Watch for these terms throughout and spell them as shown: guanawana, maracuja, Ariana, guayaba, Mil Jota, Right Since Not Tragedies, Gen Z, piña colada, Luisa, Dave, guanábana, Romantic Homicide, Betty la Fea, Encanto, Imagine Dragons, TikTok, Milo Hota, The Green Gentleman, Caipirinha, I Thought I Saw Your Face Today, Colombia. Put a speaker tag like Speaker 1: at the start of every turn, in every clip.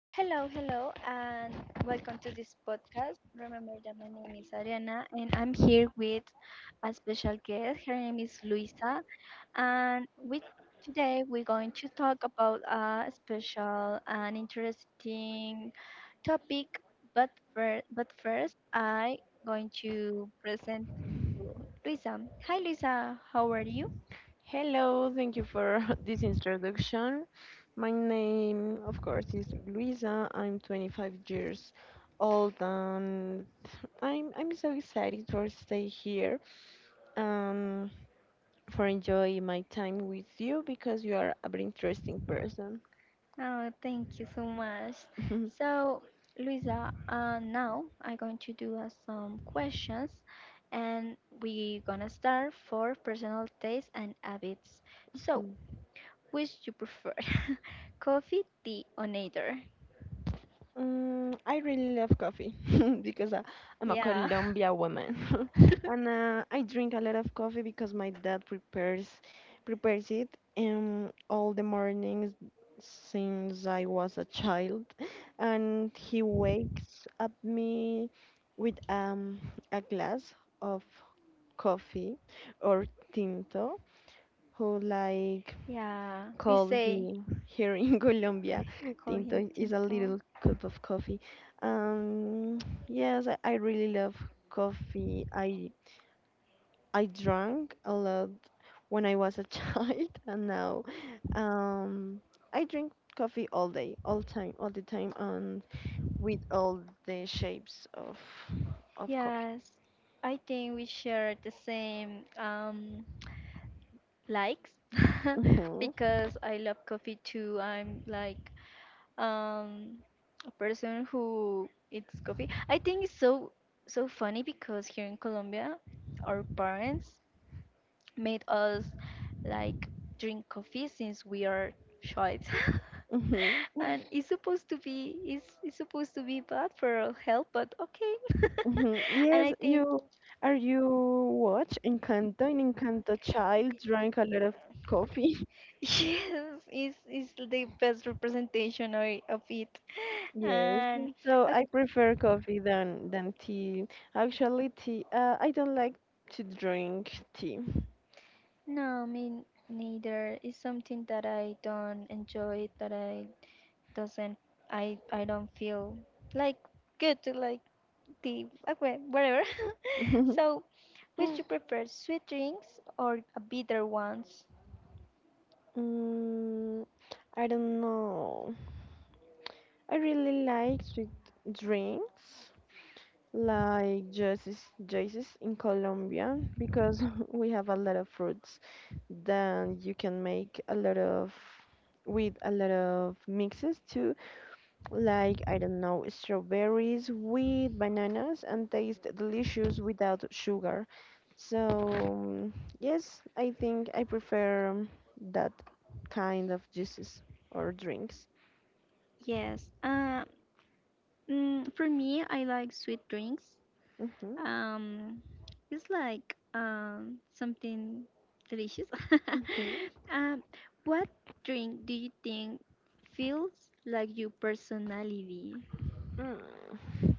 Speaker 1: Hello, hello, and welcome to this podcast. Remember that my name is Ariana, and I'm here with a special guest. Her name is Luisa, and with today we're going to talk about a special and interesting topic. But first, I going to present to Luisa. Hi, Luisa. How are you?
Speaker 2: Hello, thank you for this introduction. My name, of course, is Luisa. I'm 25 years old and I'm so excited for stay here and for enjoy my time with you because you are a very interesting person.
Speaker 1: Oh, thank you so much. So, Luisa, now I'm going to do some questions and we're gonna start for personal taste and habits. So, which you prefer? Coffee, tea, or neither?
Speaker 2: Mm, I really love coffee because I'm a
Speaker 1: Yeah.
Speaker 2: Colombia woman. And I drink a lot of coffee because my dad prepares it all the mornings since I was a child, and he wakes up me with a glass of coffee or tinto, who like
Speaker 1: Yeah, we
Speaker 2: cold
Speaker 1: say
Speaker 2: he, here in Colombia.
Speaker 1: him
Speaker 2: Tinto is a
Speaker 1: tinto.
Speaker 2: little cup of coffee. Um, yes, I really love coffee. I drank a lot when I was a child, and now um, I drink coffee all day, all time, all the time, and with all the shapes of coffee.
Speaker 1: Yes, I think we share the same likes
Speaker 2: hmm
Speaker 1: because I love coffee too. I'm like um a person who eats coffee. I think it's so so funny because here in Colombia our parents made us like drink coffee since we are child.
Speaker 2: hmm
Speaker 1: And it's supposed to be it's supposed to be bad for our health, but okay.
Speaker 2: Mhm.
Speaker 1: And
Speaker 2: Yes,
Speaker 1: I think
Speaker 2: you watch Encanto? In Encanto, child drank a lot of coffee.
Speaker 1: yes, it's the best representation of it.
Speaker 2: Yes,
Speaker 1: And
Speaker 2: so I prefer coffee than tea. Actually, tea. I don't like to drink tea.
Speaker 1: no, me neither. It's something that I don't enjoy, that I doesn't, I don't feel like good to like the okay, whatever. So, which you prefer, sweet drinks or a bitter ones?
Speaker 2: Mm, I don't know. I really like sweet drinks, like juices, juices in Colombia because we have a lot of fruits. Then you can make a lot of with a lot of mixes too, like I don't know, strawberries with bananas and taste delicious without sugar. So yes, I think I prefer that kind of juices or drinks.
Speaker 1: Yes. For me, I like sweet drinks.
Speaker 2: Mhm,
Speaker 1: Um, it's like something delicious.
Speaker 2: mhm.
Speaker 1: um, what drink do you think feels like your personality?
Speaker 2: Mm.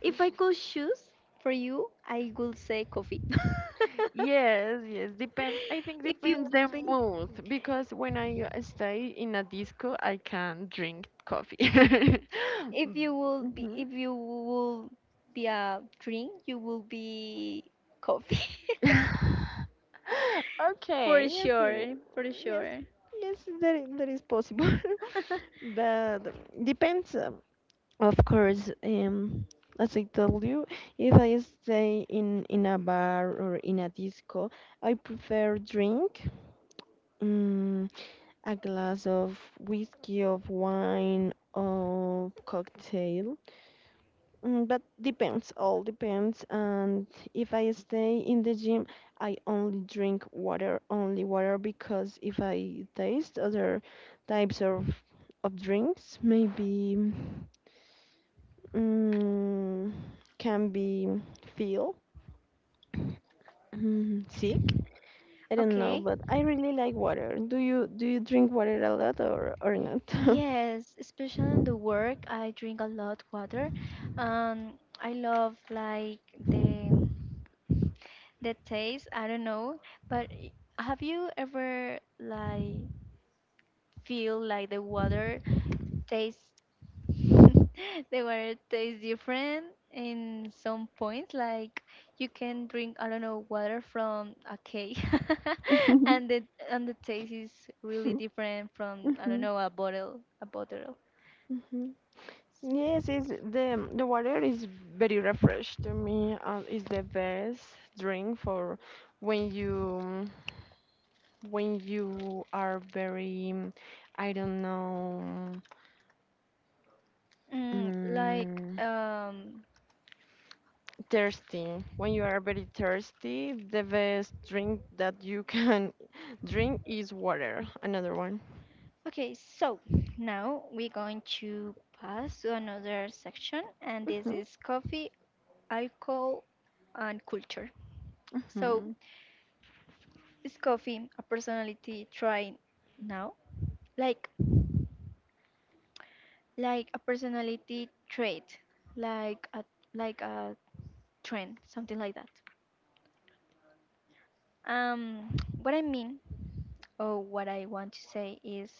Speaker 1: If I could choose for you, I would say coffee.
Speaker 2: Yes, yes, depends. I think
Speaker 1: If you
Speaker 2: depends the
Speaker 1: will be,
Speaker 2: mood because when I stay in a disco, I can drink coffee.
Speaker 1: if you will be,
Speaker 2: Mhm.
Speaker 1: if you will be a drink, you will be coffee. For
Speaker 2: Okay, okay.
Speaker 1: sure, for
Speaker 2: Yes,
Speaker 1: sure.
Speaker 2: yes, that is possible. But depends, of course. As I told you, if I stay in a bar or in a disco, I prefer drink, mm, a glass of whiskey, of wine, of cocktail. Mm, but depends, all depends. And if I stay in the gym, I only drink water, only water, because if I taste other types of drinks, maybe mm, can be feel sick. I don't know,
Speaker 1: Okay.
Speaker 2: but I really like water. Do you drink water a lot or not?
Speaker 1: Yes, especially in the work, I drink a lot water. I love like the the taste. I don't know, but have you ever like feel like the water tastes the water tastes different in some points? Like you can drink, I don't know, water from a cake, and the and the taste is really different from, I don't know, a bottle.
Speaker 2: Mhm. Yes, it's the water is very refreshed to me. It's the best drink for when you when you are very I don't know
Speaker 1: Mm, like,
Speaker 2: um,
Speaker 1: um,
Speaker 2: thirsty. When you are very thirsty, the best drink that you can drink is water. Another one.
Speaker 1: okay, so now we're going to pass to another section, and this
Speaker 2: Mhm.
Speaker 1: is coffee, alcohol, and culture. So,
Speaker 2: Mhm.
Speaker 1: is coffee a personality trait now? Like, like a personality trait, like a like a trend, something like that. Um, what I mean or what I want to say is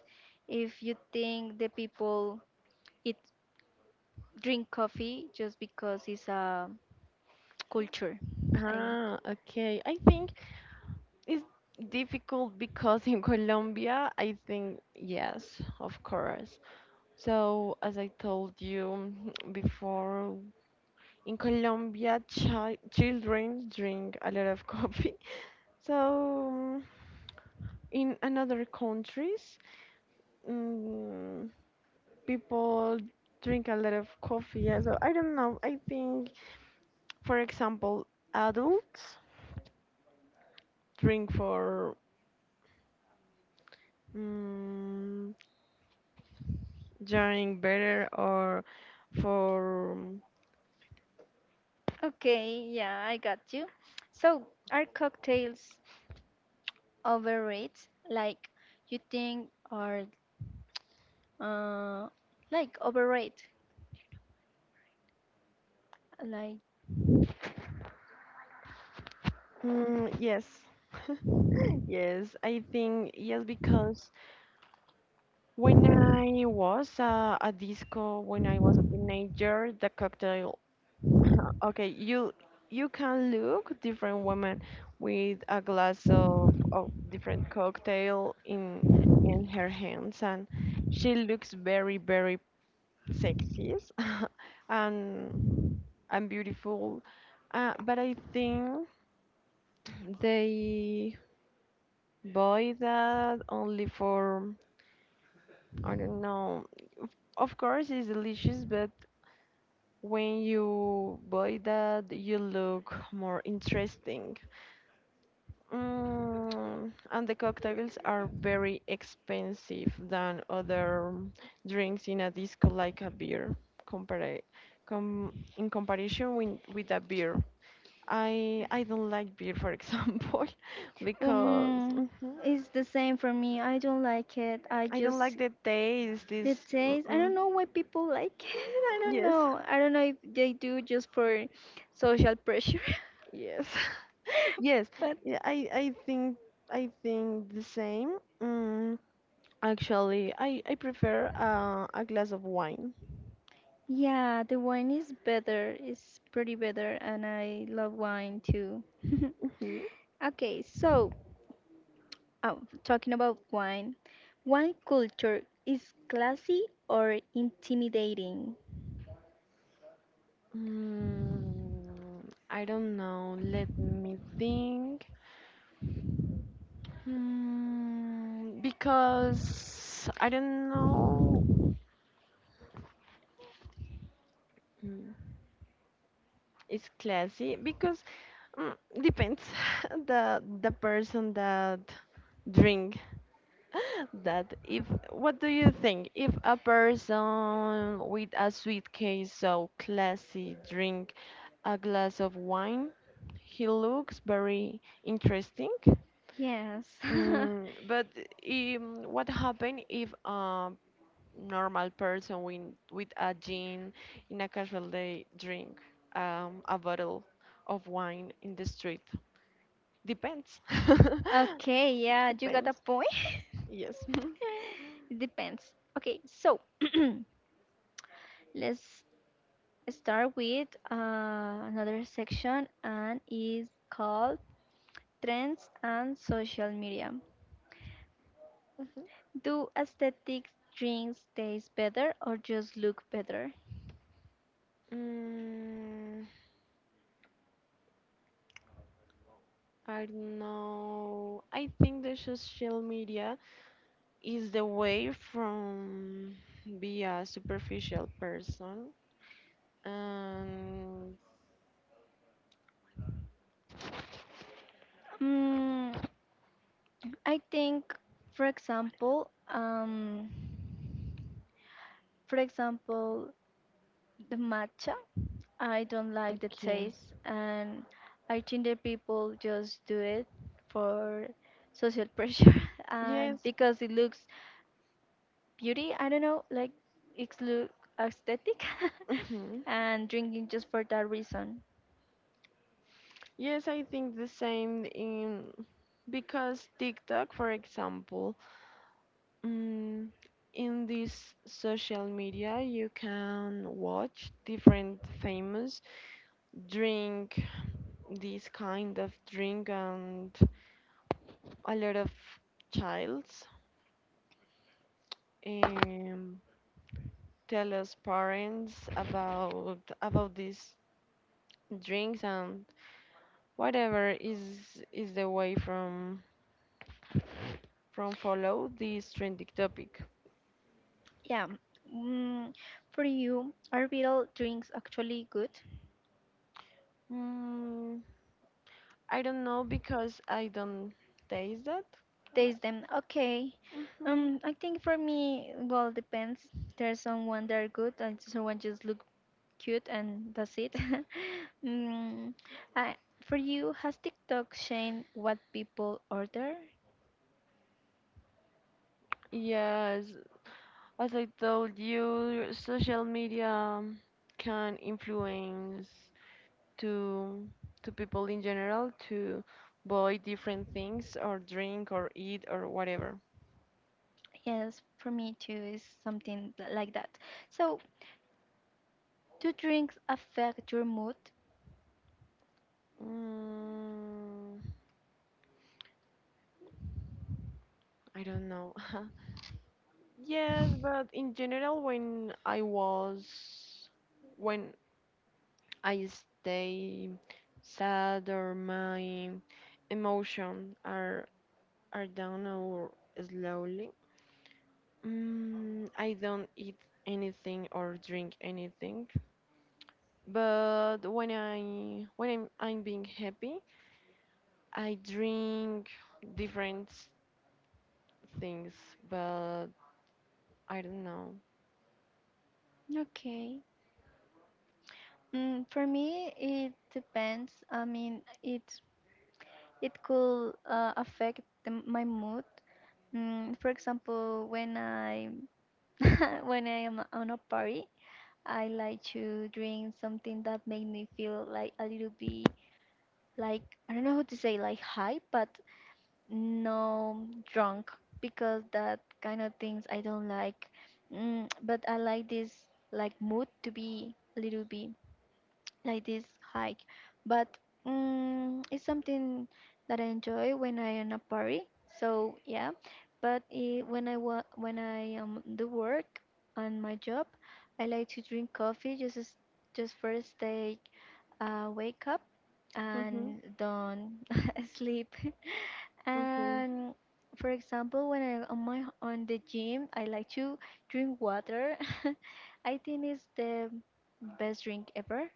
Speaker 1: if you think the people eat drink coffee just because it's a culture. I
Speaker 2: Ah, okay. I think it's difficult because in Colombia, I think, yes, of course. So, as I told you before, in Colombia, children drink a lot of coffee. So, mm, in another countries, mm, people drink a lot of coffee. Yeah, so I don't know. I think, for example, adults drink for, Mm, drawing better or for.
Speaker 1: Okay, yeah, I got you. So, are cocktails overrated? Like, you think are uh like overrated? Like,
Speaker 2: Yes, yes, I think yes because when I was a disco, when I was a teenager, the cocktail okay, you can look different women with a glass of different cocktail in her hands, and she looks very very sexy and beautiful. But I think they buy that only for, I don't know. Of course, it's delicious, but when you buy that, you look more interesting. Mm, and the cocktails are very expensive than other drinks in a disco, like a beer, compare, com, in comparison with a beer. I don't like beer, for example, because.
Speaker 1: um,
Speaker 2: Mhm.
Speaker 1: it's the same for me. I don't like it. I
Speaker 2: I don't
Speaker 1: just
Speaker 2: like the taste.
Speaker 1: the
Speaker 2: This,
Speaker 1: taste. I don't
Speaker 2: mm-mm.
Speaker 1: know why people like it. I don't
Speaker 2: Yes,
Speaker 1: know. I don't know if they do just for social pressure.
Speaker 2: yes, yes.
Speaker 1: But
Speaker 2: Yeah, I think, I think the same. Mm, actually, I prefer a glass of wine.
Speaker 1: yeah, the wine is better. It's pretty better, and I love wine too.
Speaker 2: Mhm.
Speaker 1: Okay, so oh, talking about wine, wine culture is classy or intimidating?
Speaker 2: Mm, I don't know. Let me think. Mm, because I don't know. Mm, it's classy because depends the person that drink that. If what do you think if a person with a suitcase so classy drink a glass of wine, he looks very interesting.
Speaker 1: Yes.
Speaker 2: Mm, but what happen if a normal person with a gin in a casual day drink a bottle of wine in the street? Depends.
Speaker 1: Okay, yeah, you got a
Speaker 2: Depends,
Speaker 1: point.
Speaker 2: yes.
Speaker 1: It depends. Okay, so let's start with another section and is called trends and social media.
Speaker 2: Mhm.
Speaker 1: Do aesthetic drinks taste better or just look better?
Speaker 2: Mm, I don't know. I think the social media is the way from be a superficial person. And
Speaker 1: Mm, I think, for example, for example, the matcha. I don't like the
Speaker 2: okay.
Speaker 1: taste, and I think that people just do it for social pressure and
Speaker 2: Yes.
Speaker 1: because it looks beauty. I don't know, like it's look aesthetic,
Speaker 2: Mhm.
Speaker 1: and drinking just for that reason.
Speaker 2: Yes, I think the same in because TikTok, for example, mm, in this social media you can watch different famous drink this kind of drink, and a lot of childs um, tell us parents about these drinks, and whatever is the way from follow this trending topic.
Speaker 1: Yeah. Mm, for you, are beer drinks actually good?
Speaker 2: Mm, I don't know because I don't taste that. Uh,
Speaker 1: Taste them okay. I think
Speaker 2: mhm.
Speaker 1: for me, well, depends. There's someone that are good, and someone just look cute, and that's it. mm, I, for you, has TikTok changed what people order?
Speaker 2: Yes, as I told you, social media can influence to people in general to buy different things or drink or eat or whatever.
Speaker 1: Yes, for me too, is something like that. So, do drinks affect your mood?
Speaker 2: Mm, I don't know. Yes, but in general, when I was, when I stay sad or my emotion are down or slowly, I don't eat anything or drink anything. But when I when I'm being happy, I drink different things, but I don't know.
Speaker 1: Okay. For me, it depends. I mean, it could affect the, my mood. Mm, for example, when I when I am on a party, I like to drink something that make me feel like a little bit like, I don't know how to say, like high, but no drunk, because that kind of things I don't like. Mm, but I like this like mood to be a little bit like this hike, but mm it's something that I enjoy when I am a party, so yeah. But when I do work on my job, I like to drink coffee just as, just first day wake up
Speaker 2: Mhm.
Speaker 1: and don't sleep.
Speaker 2: Okay.
Speaker 1: And for example, when I on my on the gym, I like to drink water. I think it's the best drink ever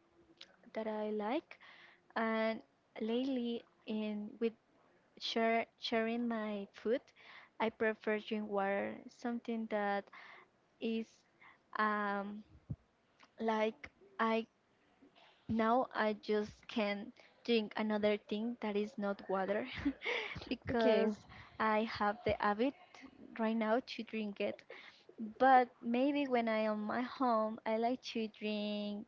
Speaker 1: that I like. And lately, in with share, sharing my food, I prefer drink water, something that is um, like I now I just can drink another thing that is not water
Speaker 2: Okay.
Speaker 1: because I have the habit right now to drink it. But maybe when I am at home, I like to drink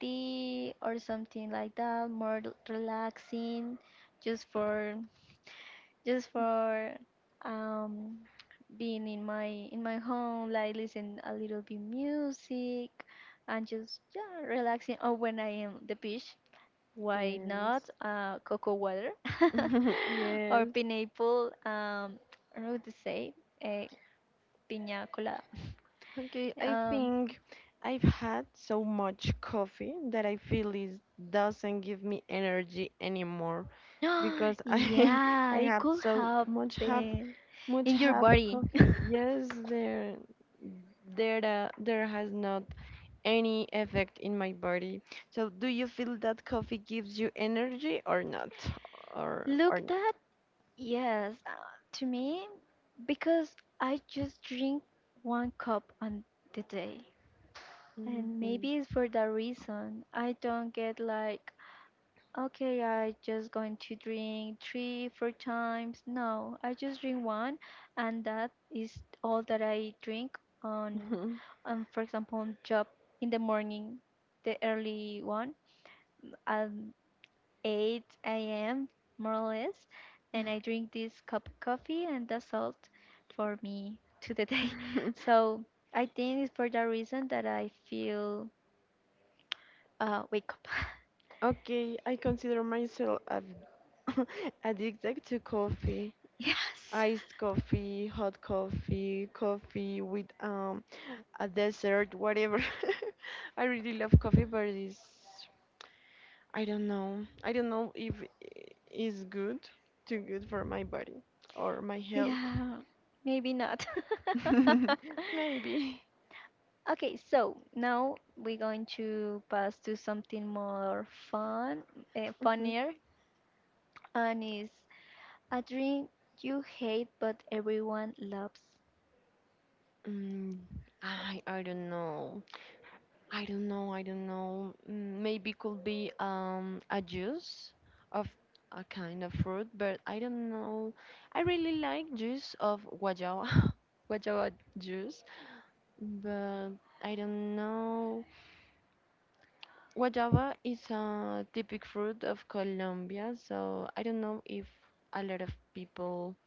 Speaker 1: tea or something like that, more relaxing, just for just for um, being in my home, like listen a little bit music and just yeah relaxing. Or when I am the beach, why not
Speaker 2: Yes.
Speaker 1: cocoa water or
Speaker 2: Yes.
Speaker 1: pineapple? I don't know what to say, uh, piña colada.
Speaker 2: Okay, I
Speaker 1: Um,
Speaker 2: think I've had so much coffee that I feel it doesn't give me energy anymore because I
Speaker 1: yeah,
Speaker 2: I
Speaker 1: it
Speaker 2: have
Speaker 1: could
Speaker 2: so much ha
Speaker 1: happen
Speaker 2: much
Speaker 1: in your
Speaker 2: have
Speaker 1: body.
Speaker 2: coffee. Yes, there there has not any effect in my body. So do you feel that coffee gives you energy or not? Or
Speaker 1: Look
Speaker 2: not?
Speaker 1: that, yes, to me, because I just drink one cup on the day. And
Speaker 2: Hmm.
Speaker 1: maybe it's for that reason I don't get like okay, I just going to drink three, four times. No, I just drink one, and that is all that I drink on, on for example, on job in the morning, the early one, at 8 a.m. more or less, and I drink this cup of coffee, and that's all for me to the day. So I think it's for that reason that I feel wake up.
Speaker 2: Okay, I consider myself a addicted to coffee.
Speaker 1: Yes.
Speaker 2: Iced coffee, hot coffee, coffee with a dessert, whatever. I really love coffee, but it's I don't know. I don't know if it's good, too good for my body or my health.
Speaker 1: Yeah, maybe not.
Speaker 2: Maybe.
Speaker 1: Okay, so now we're going to pass to something more fun,
Speaker 2: Mhm.
Speaker 1: funnier, and is a drink you hate but everyone loves,
Speaker 2: Mm, I don't know. I don't know. I don't know. Mm, maybe could be a juice of a kind of fruit, but I don't know. I really like juice of guayaba, guayaba juice, but I don't know. Guayaba is a typic fruit of Colombia, so I don't know if a lot of people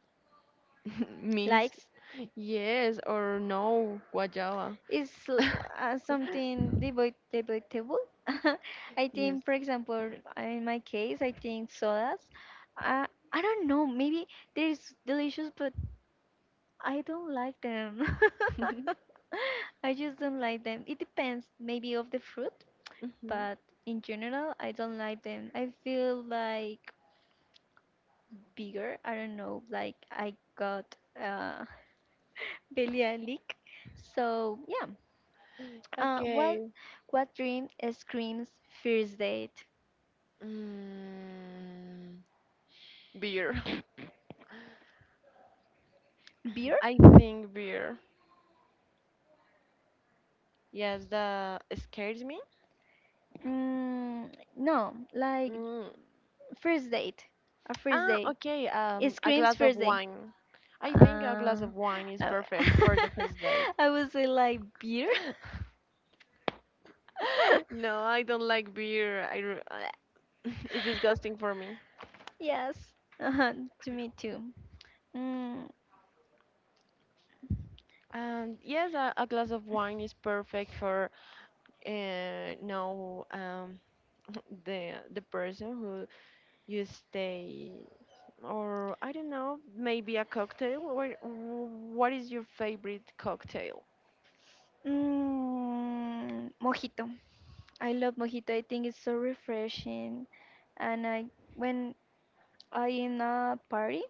Speaker 2: means
Speaker 1: likes.
Speaker 2: yes or no guayaba.
Speaker 1: Is l- uh, something debate debatable. I
Speaker 2: Yes.
Speaker 1: think, for example, in my case, I think sodas. Uh, I don't know. Maybe there's delicious, but I don't like them. I just don't like them. It depends maybe of the fruit,
Speaker 2: Mhm.
Speaker 1: but in general, I don't like them. I feel like bigger. I don't know. Like I got uh, leak. So yeah. Uh, what
Speaker 2: Okay.
Speaker 1: what dream screams first date?
Speaker 2: Mm, beer.
Speaker 1: Beer?
Speaker 2: I think beer. Yes, that scares me.
Speaker 1: Mm, no, like
Speaker 2: Mm,
Speaker 1: first date. A first
Speaker 2: ah,
Speaker 1: date.
Speaker 2: okay.
Speaker 1: It
Speaker 2: A
Speaker 1: screams
Speaker 2: glass of
Speaker 1: first date.
Speaker 2: wine. I think a glass
Speaker 1: Uh,
Speaker 2: of wine is
Speaker 1: uh,
Speaker 2: perfect for the first date.
Speaker 1: I would say like beer.
Speaker 2: No, I don't like beer. I, re- it's disgusting for me.
Speaker 1: Yes. Uh-huh. To me too. Mm,
Speaker 2: Yes, a glass of wine is perfect for no the person who you stay, or I don't know, maybe a cocktail. What is your favorite cocktail?
Speaker 1: mojito. I love mojito. I think it's so refreshing. And I when I in a party,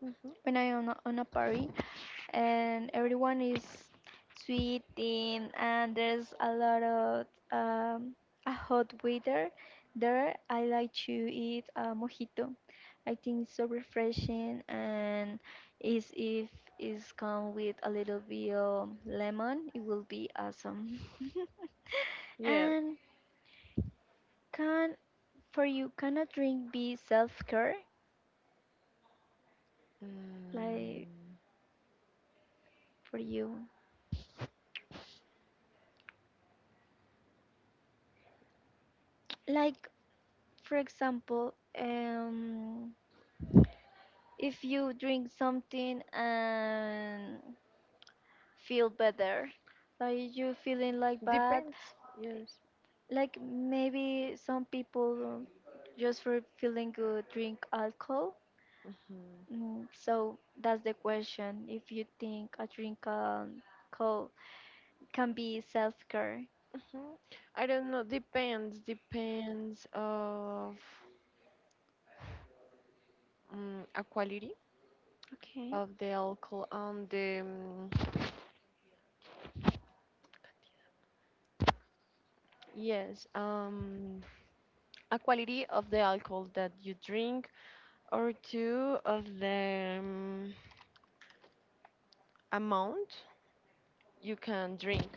Speaker 2: Hmm.
Speaker 1: when I on a party, and everyone is sweating and there's a lot of um, a hot weather, there I like to eat a mojito. I think it's so refreshing and is if it's come with a little bit of lemon it will be awesome.
Speaker 2: Yeah.
Speaker 1: And can, for you can a drink be self-care, like
Speaker 2: Mm.
Speaker 1: for you, like for example if you drink something and feel better, like you feeling like bad,
Speaker 2: Depends. Yes.
Speaker 1: like maybe some people just for feeling good drink alcohol.
Speaker 2: Hmm.
Speaker 1: Mm, so that's the question, if you think a drink alcohol can be self-care.
Speaker 2: Hmm. I don't know. Depends. Depends of a quality
Speaker 1: Okay.
Speaker 2: of the alcohol and the yes um, a quality of the alcohol that you drink, or two of the amount you can drink.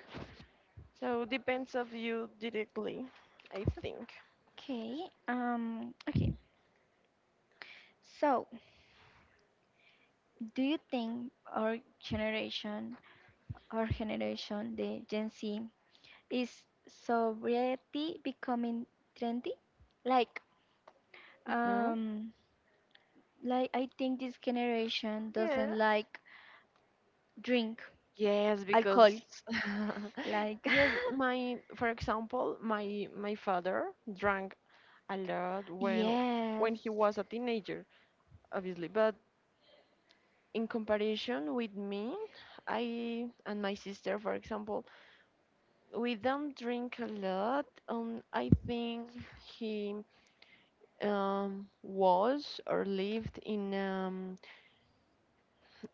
Speaker 2: So depends of you directly, I think.
Speaker 1: okay um okay so do you think our generation, the gen z, is sobriety becoming trendy? Like,
Speaker 2: Hmm.
Speaker 1: um, like I think this generation
Speaker 2: Yeah.
Speaker 1: doesn't like drink
Speaker 2: Yes, I
Speaker 1: alcohol.
Speaker 2: because
Speaker 1: Like,
Speaker 2: yes, my for example, my father drank a lot when
Speaker 1: yes.
Speaker 2: he was a teenager, obviously, but in comparison with me, I and my sister, for example, we don't drink a lot. I think he was or lived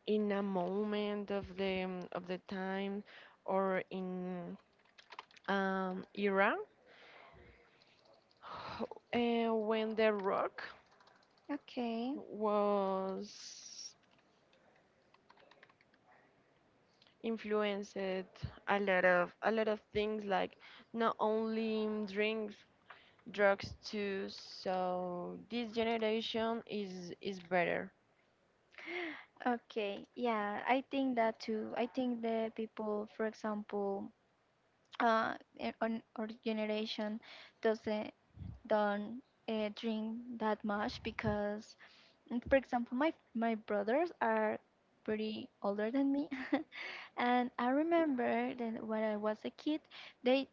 Speaker 2: in a moment of the time or in era. And when the rock
Speaker 1: Okay.
Speaker 2: was influenced a lot of things like not only drinks, drugs too, so this generation is better.
Speaker 1: Okay. Yeah, I think that too. I think the people, for example, on our generation doesn't don't drink that much because, for example, my brothers are pretty older than me, and I remember that when I was a kid, they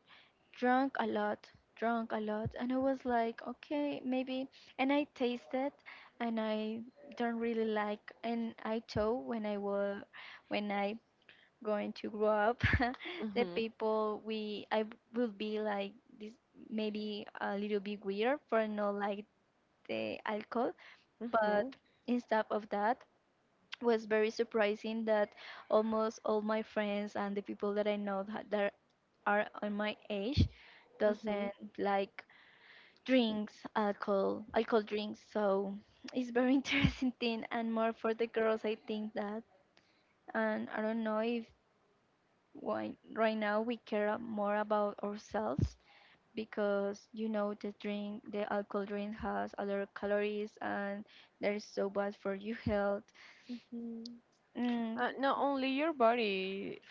Speaker 1: drank a lot, drank a lot, and I was like, okay, maybe, and I tasted, and I don't really like, and I told when I was when I going to grow up, the
Speaker 2: Mhm.
Speaker 1: people we I will be like this maybe a little bit weird for not like the alcohol,
Speaker 2: Mhm.
Speaker 1: but instead of that was very surprising that almost all my friends and the people that I know that that are on my age
Speaker 2: Mhm.
Speaker 1: doesn't like drinks, alcohol drinks. So it's very interesting thing and more for the girls I think that, and I don't know if why, right now we care more about ourselves because you know the drink, the alcohol drink has a lot of calories and that is so bad for your health.
Speaker 2: Mhm.
Speaker 1: Mm,
Speaker 2: Uh, not only your body,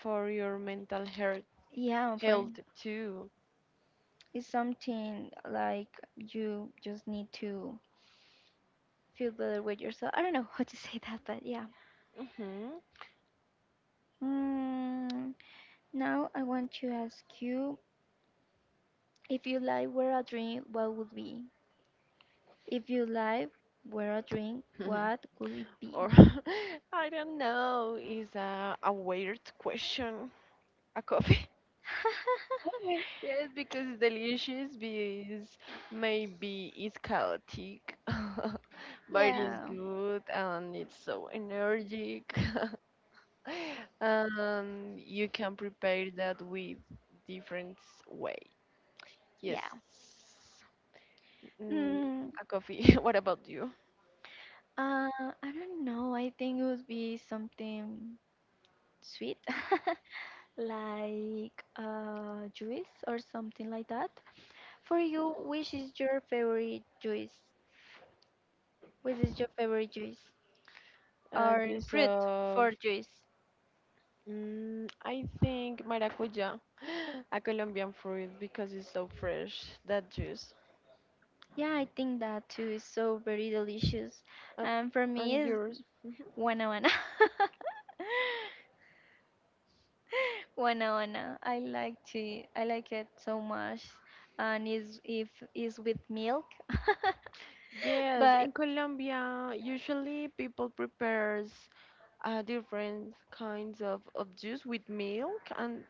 Speaker 2: for your mental health,
Speaker 1: yeah, for
Speaker 2: health too.
Speaker 1: it's something like you just need to feel better with yourself. I don't know how to say that, but yeah.
Speaker 2: Mhm.
Speaker 1: Mm, now I want to ask you if you like were a dream, what would be? If your life were a drink, what would it be?
Speaker 2: Or I don't know, is a weird question. A coffee. Okay. Yes, because it's delicious, because maybe it's chaotic, but it's
Speaker 1: Yeah,
Speaker 2: good and it's so energetic. And you can prepare that with different way.
Speaker 1: yeah.
Speaker 2: Yes. Mm,
Speaker 1: Mm,
Speaker 2: a coffee. What about you?
Speaker 1: I don't know. I think it would be something sweet, like juice or something like that. For you, which is your favorite juice? Which is your favorite juice or
Speaker 2: Juice
Speaker 1: fruit
Speaker 2: of,
Speaker 1: for juice?
Speaker 2: I think maracuja, a Colombian fruit because it's so fresh, that juice.
Speaker 1: Yeah, I think that too is so very delicious.
Speaker 2: And,
Speaker 1: And for me,
Speaker 2: and
Speaker 1: is
Speaker 2: yours? Mhm.
Speaker 1: guanábana. Wanna I like to. I like it so much, and is if is with milk.
Speaker 2: Yes, in
Speaker 1: But
Speaker 2: Colombia, usually people prepares different kinds of juice with milk, and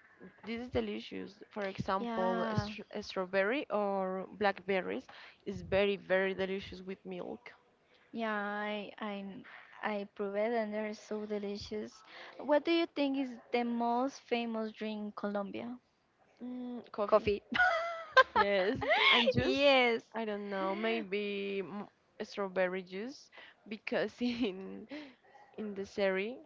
Speaker 2: this is delicious. For example,
Speaker 1: yeah,
Speaker 2: strawberry or blackberries is very, very delicious with milk.
Speaker 1: yeah. I prove it, and they're so delicious. What do you think is the most famous drink in Colombia?
Speaker 2: Mm, coffee.
Speaker 1: Coffee.
Speaker 2: Yes, and juice.
Speaker 1: Yes.
Speaker 2: I don't know, maybe strawberry juice because in the series,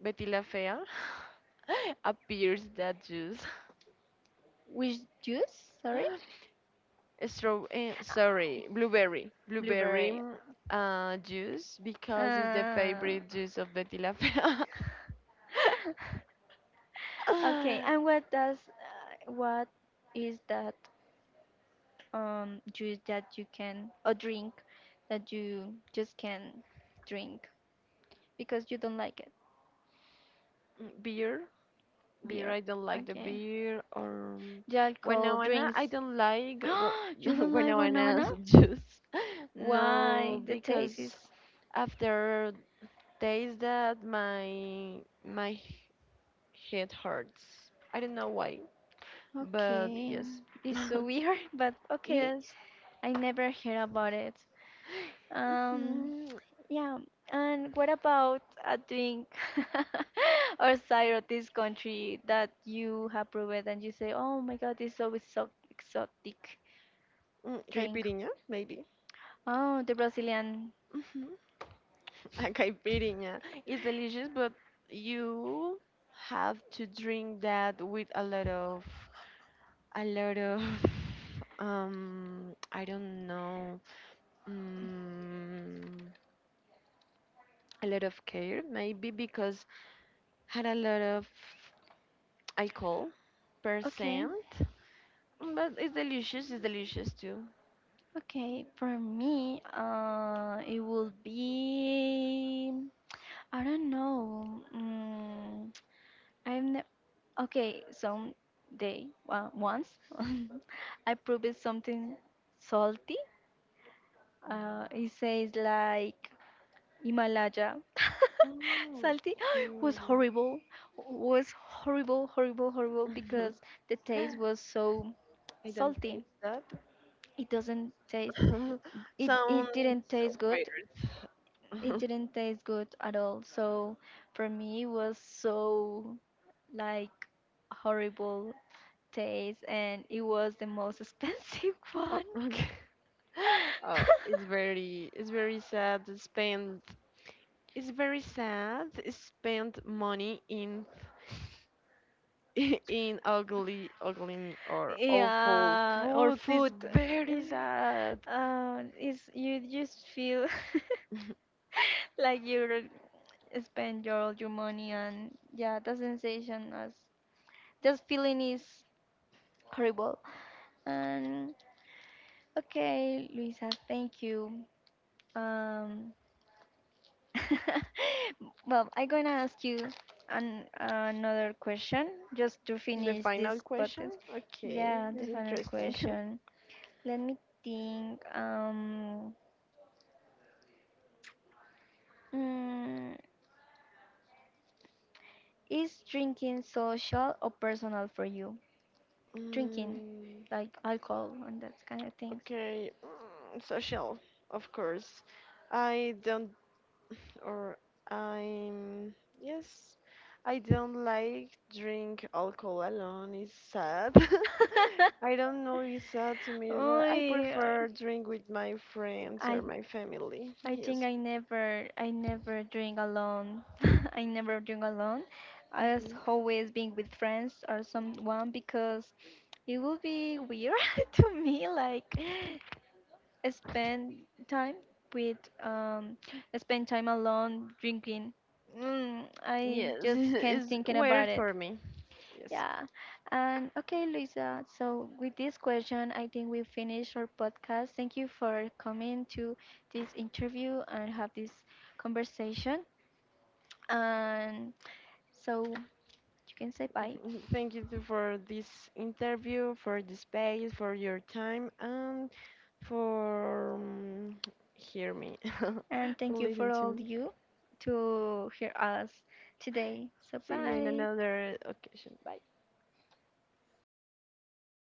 Speaker 2: Betty la Fea appears that juice.
Speaker 1: Which juice? Sorry,
Speaker 2: Straw, eh, sorry, blueberry, blueberry
Speaker 1: blueberry.
Speaker 2: juice because it's the
Speaker 1: Uh,
Speaker 2: favorite juice of Betty la Fea.
Speaker 1: okay, and what does what is that juice that you can or drink that you just can drink because you don't like it?
Speaker 2: Mm, beer, beer.
Speaker 1: Beer.
Speaker 2: I don't like the
Speaker 1: Okay.
Speaker 2: beer or
Speaker 1: The alcohol
Speaker 2: guanawana.
Speaker 1: drinks.
Speaker 2: I don't like
Speaker 1: You don't like
Speaker 2: guanawana
Speaker 1: banana?
Speaker 2: juice. No,
Speaker 1: Why? The taste
Speaker 2: because
Speaker 1: is
Speaker 2: after days that my my head hurts. I don't know why, but
Speaker 1: okay.
Speaker 2: yes.
Speaker 1: It's so weird, but okay.
Speaker 2: Yes.
Speaker 1: I never heard about it. Um,
Speaker 2: Mm-hmm.
Speaker 1: Yeah, and what about a drink or cider of this country that you have proven and you say, oh my God, this is so exotic
Speaker 2: Mm,
Speaker 1: drink.
Speaker 2: Caipirinha, maybe.
Speaker 1: Oh, the Brazilian.
Speaker 2: Mm-hmm. A caipirinha is delicious, but you have to drink that with a lot of, a lot of, I don't know, um, a lot of care, maybe because had a lot of alcohol
Speaker 1: Okay,
Speaker 2: percent. Mm, but it's delicious. It's delicious too.
Speaker 1: okay. For me, it will be. I don't know. I've ne- okay. Some day, once, I proved something salty. It says like Himalaya. Salty was
Speaker 2: Mm, mm.
Speaker 1: horrible, was horrible, because the taste was so
Speaker 2: I don't
Speaker 1: salty.
Speaker 2: taste that.
Speaker 1: It doesn't taste, it,
Speaker 2: Sounds
Speaker 1: it didn't taste good.
Speaker 2: weird.
Speaker 1: It didn't taste good at all. So for me, it was so like horrible taste and it was the most expensive
Speaker 2: Oh,
Speaker 1: one.
Speaker 2: okay. Oh, it's very sad to spend money in in ugly or awful
Speaker 1: Yeah, or
Speaker 2: food. It's
Speaker 1: food.
Speaker 2: very sad.
Speaker 1: Is you just feel like you're spend your all your money and yeah the sensation as just feeling is horrible. And okay, Luisa, thank you. um well, I'm gonna ask you another question just to
Speaker 2: The
Speaker 1: finish
Speaker 2: final
Speaker 1: this
Speaker 2: question?
Speaker 1: podcast.
Speaker 2: Okay,
Speaker 1: Yeah,
Speaker 2: this
Speaker 1: the
Speaker 2: is
Speaker 1: final
Speaker 2: interesting.
Speaker 1: question. Let me think. Mm, is drinking social or personal for you, drinking
Speaker 2: Mm,
Speaker 1: like alcohol and that kind of things?
Speaker 2: okay, mm, social, of course. I don't, or I'm, yes, I don't like drink alcohol alone. It's sad. I don't know, it's sad to me,
Speaker 1: Oh
Speaker 2: but I
Speaker 1: yeah,
Speaker 2: prefer drink with my friends
Speaker 1: I
Speaker 2: or my family.
Speaker 1: I think
Speaker 2: Yes.
Speaker 1: I never drink alone. I never drink alone. I was always being with friends or someone because it would be weird to me like spend time with um spend time alone drinking. I
Speaker 2: Yes,
Speaker 1: just can't
Speaker 2: it's
Speaker 1: thinking
Speaker 2: weird
Speaker 1: about it.
Speaker 2: for me. Yes.
Speaker 1: Yeah. And okay, Luisa. So with this question, I think we finish our podcast. Thank you for coming to this interview and have this conversation. And so you can say bye.
Speaker 2: Thank you for this interview, for the space, for your time, and for hear me,
Speaker 1: And thank you for
Speaker 2: listen to
Speaker 1: all
Speaker 2: me.
Speaker 1: you to hear us today. So
Speaker 2: See you in
Speaker 1: bye.
Speaker 2: another occasion. Bye.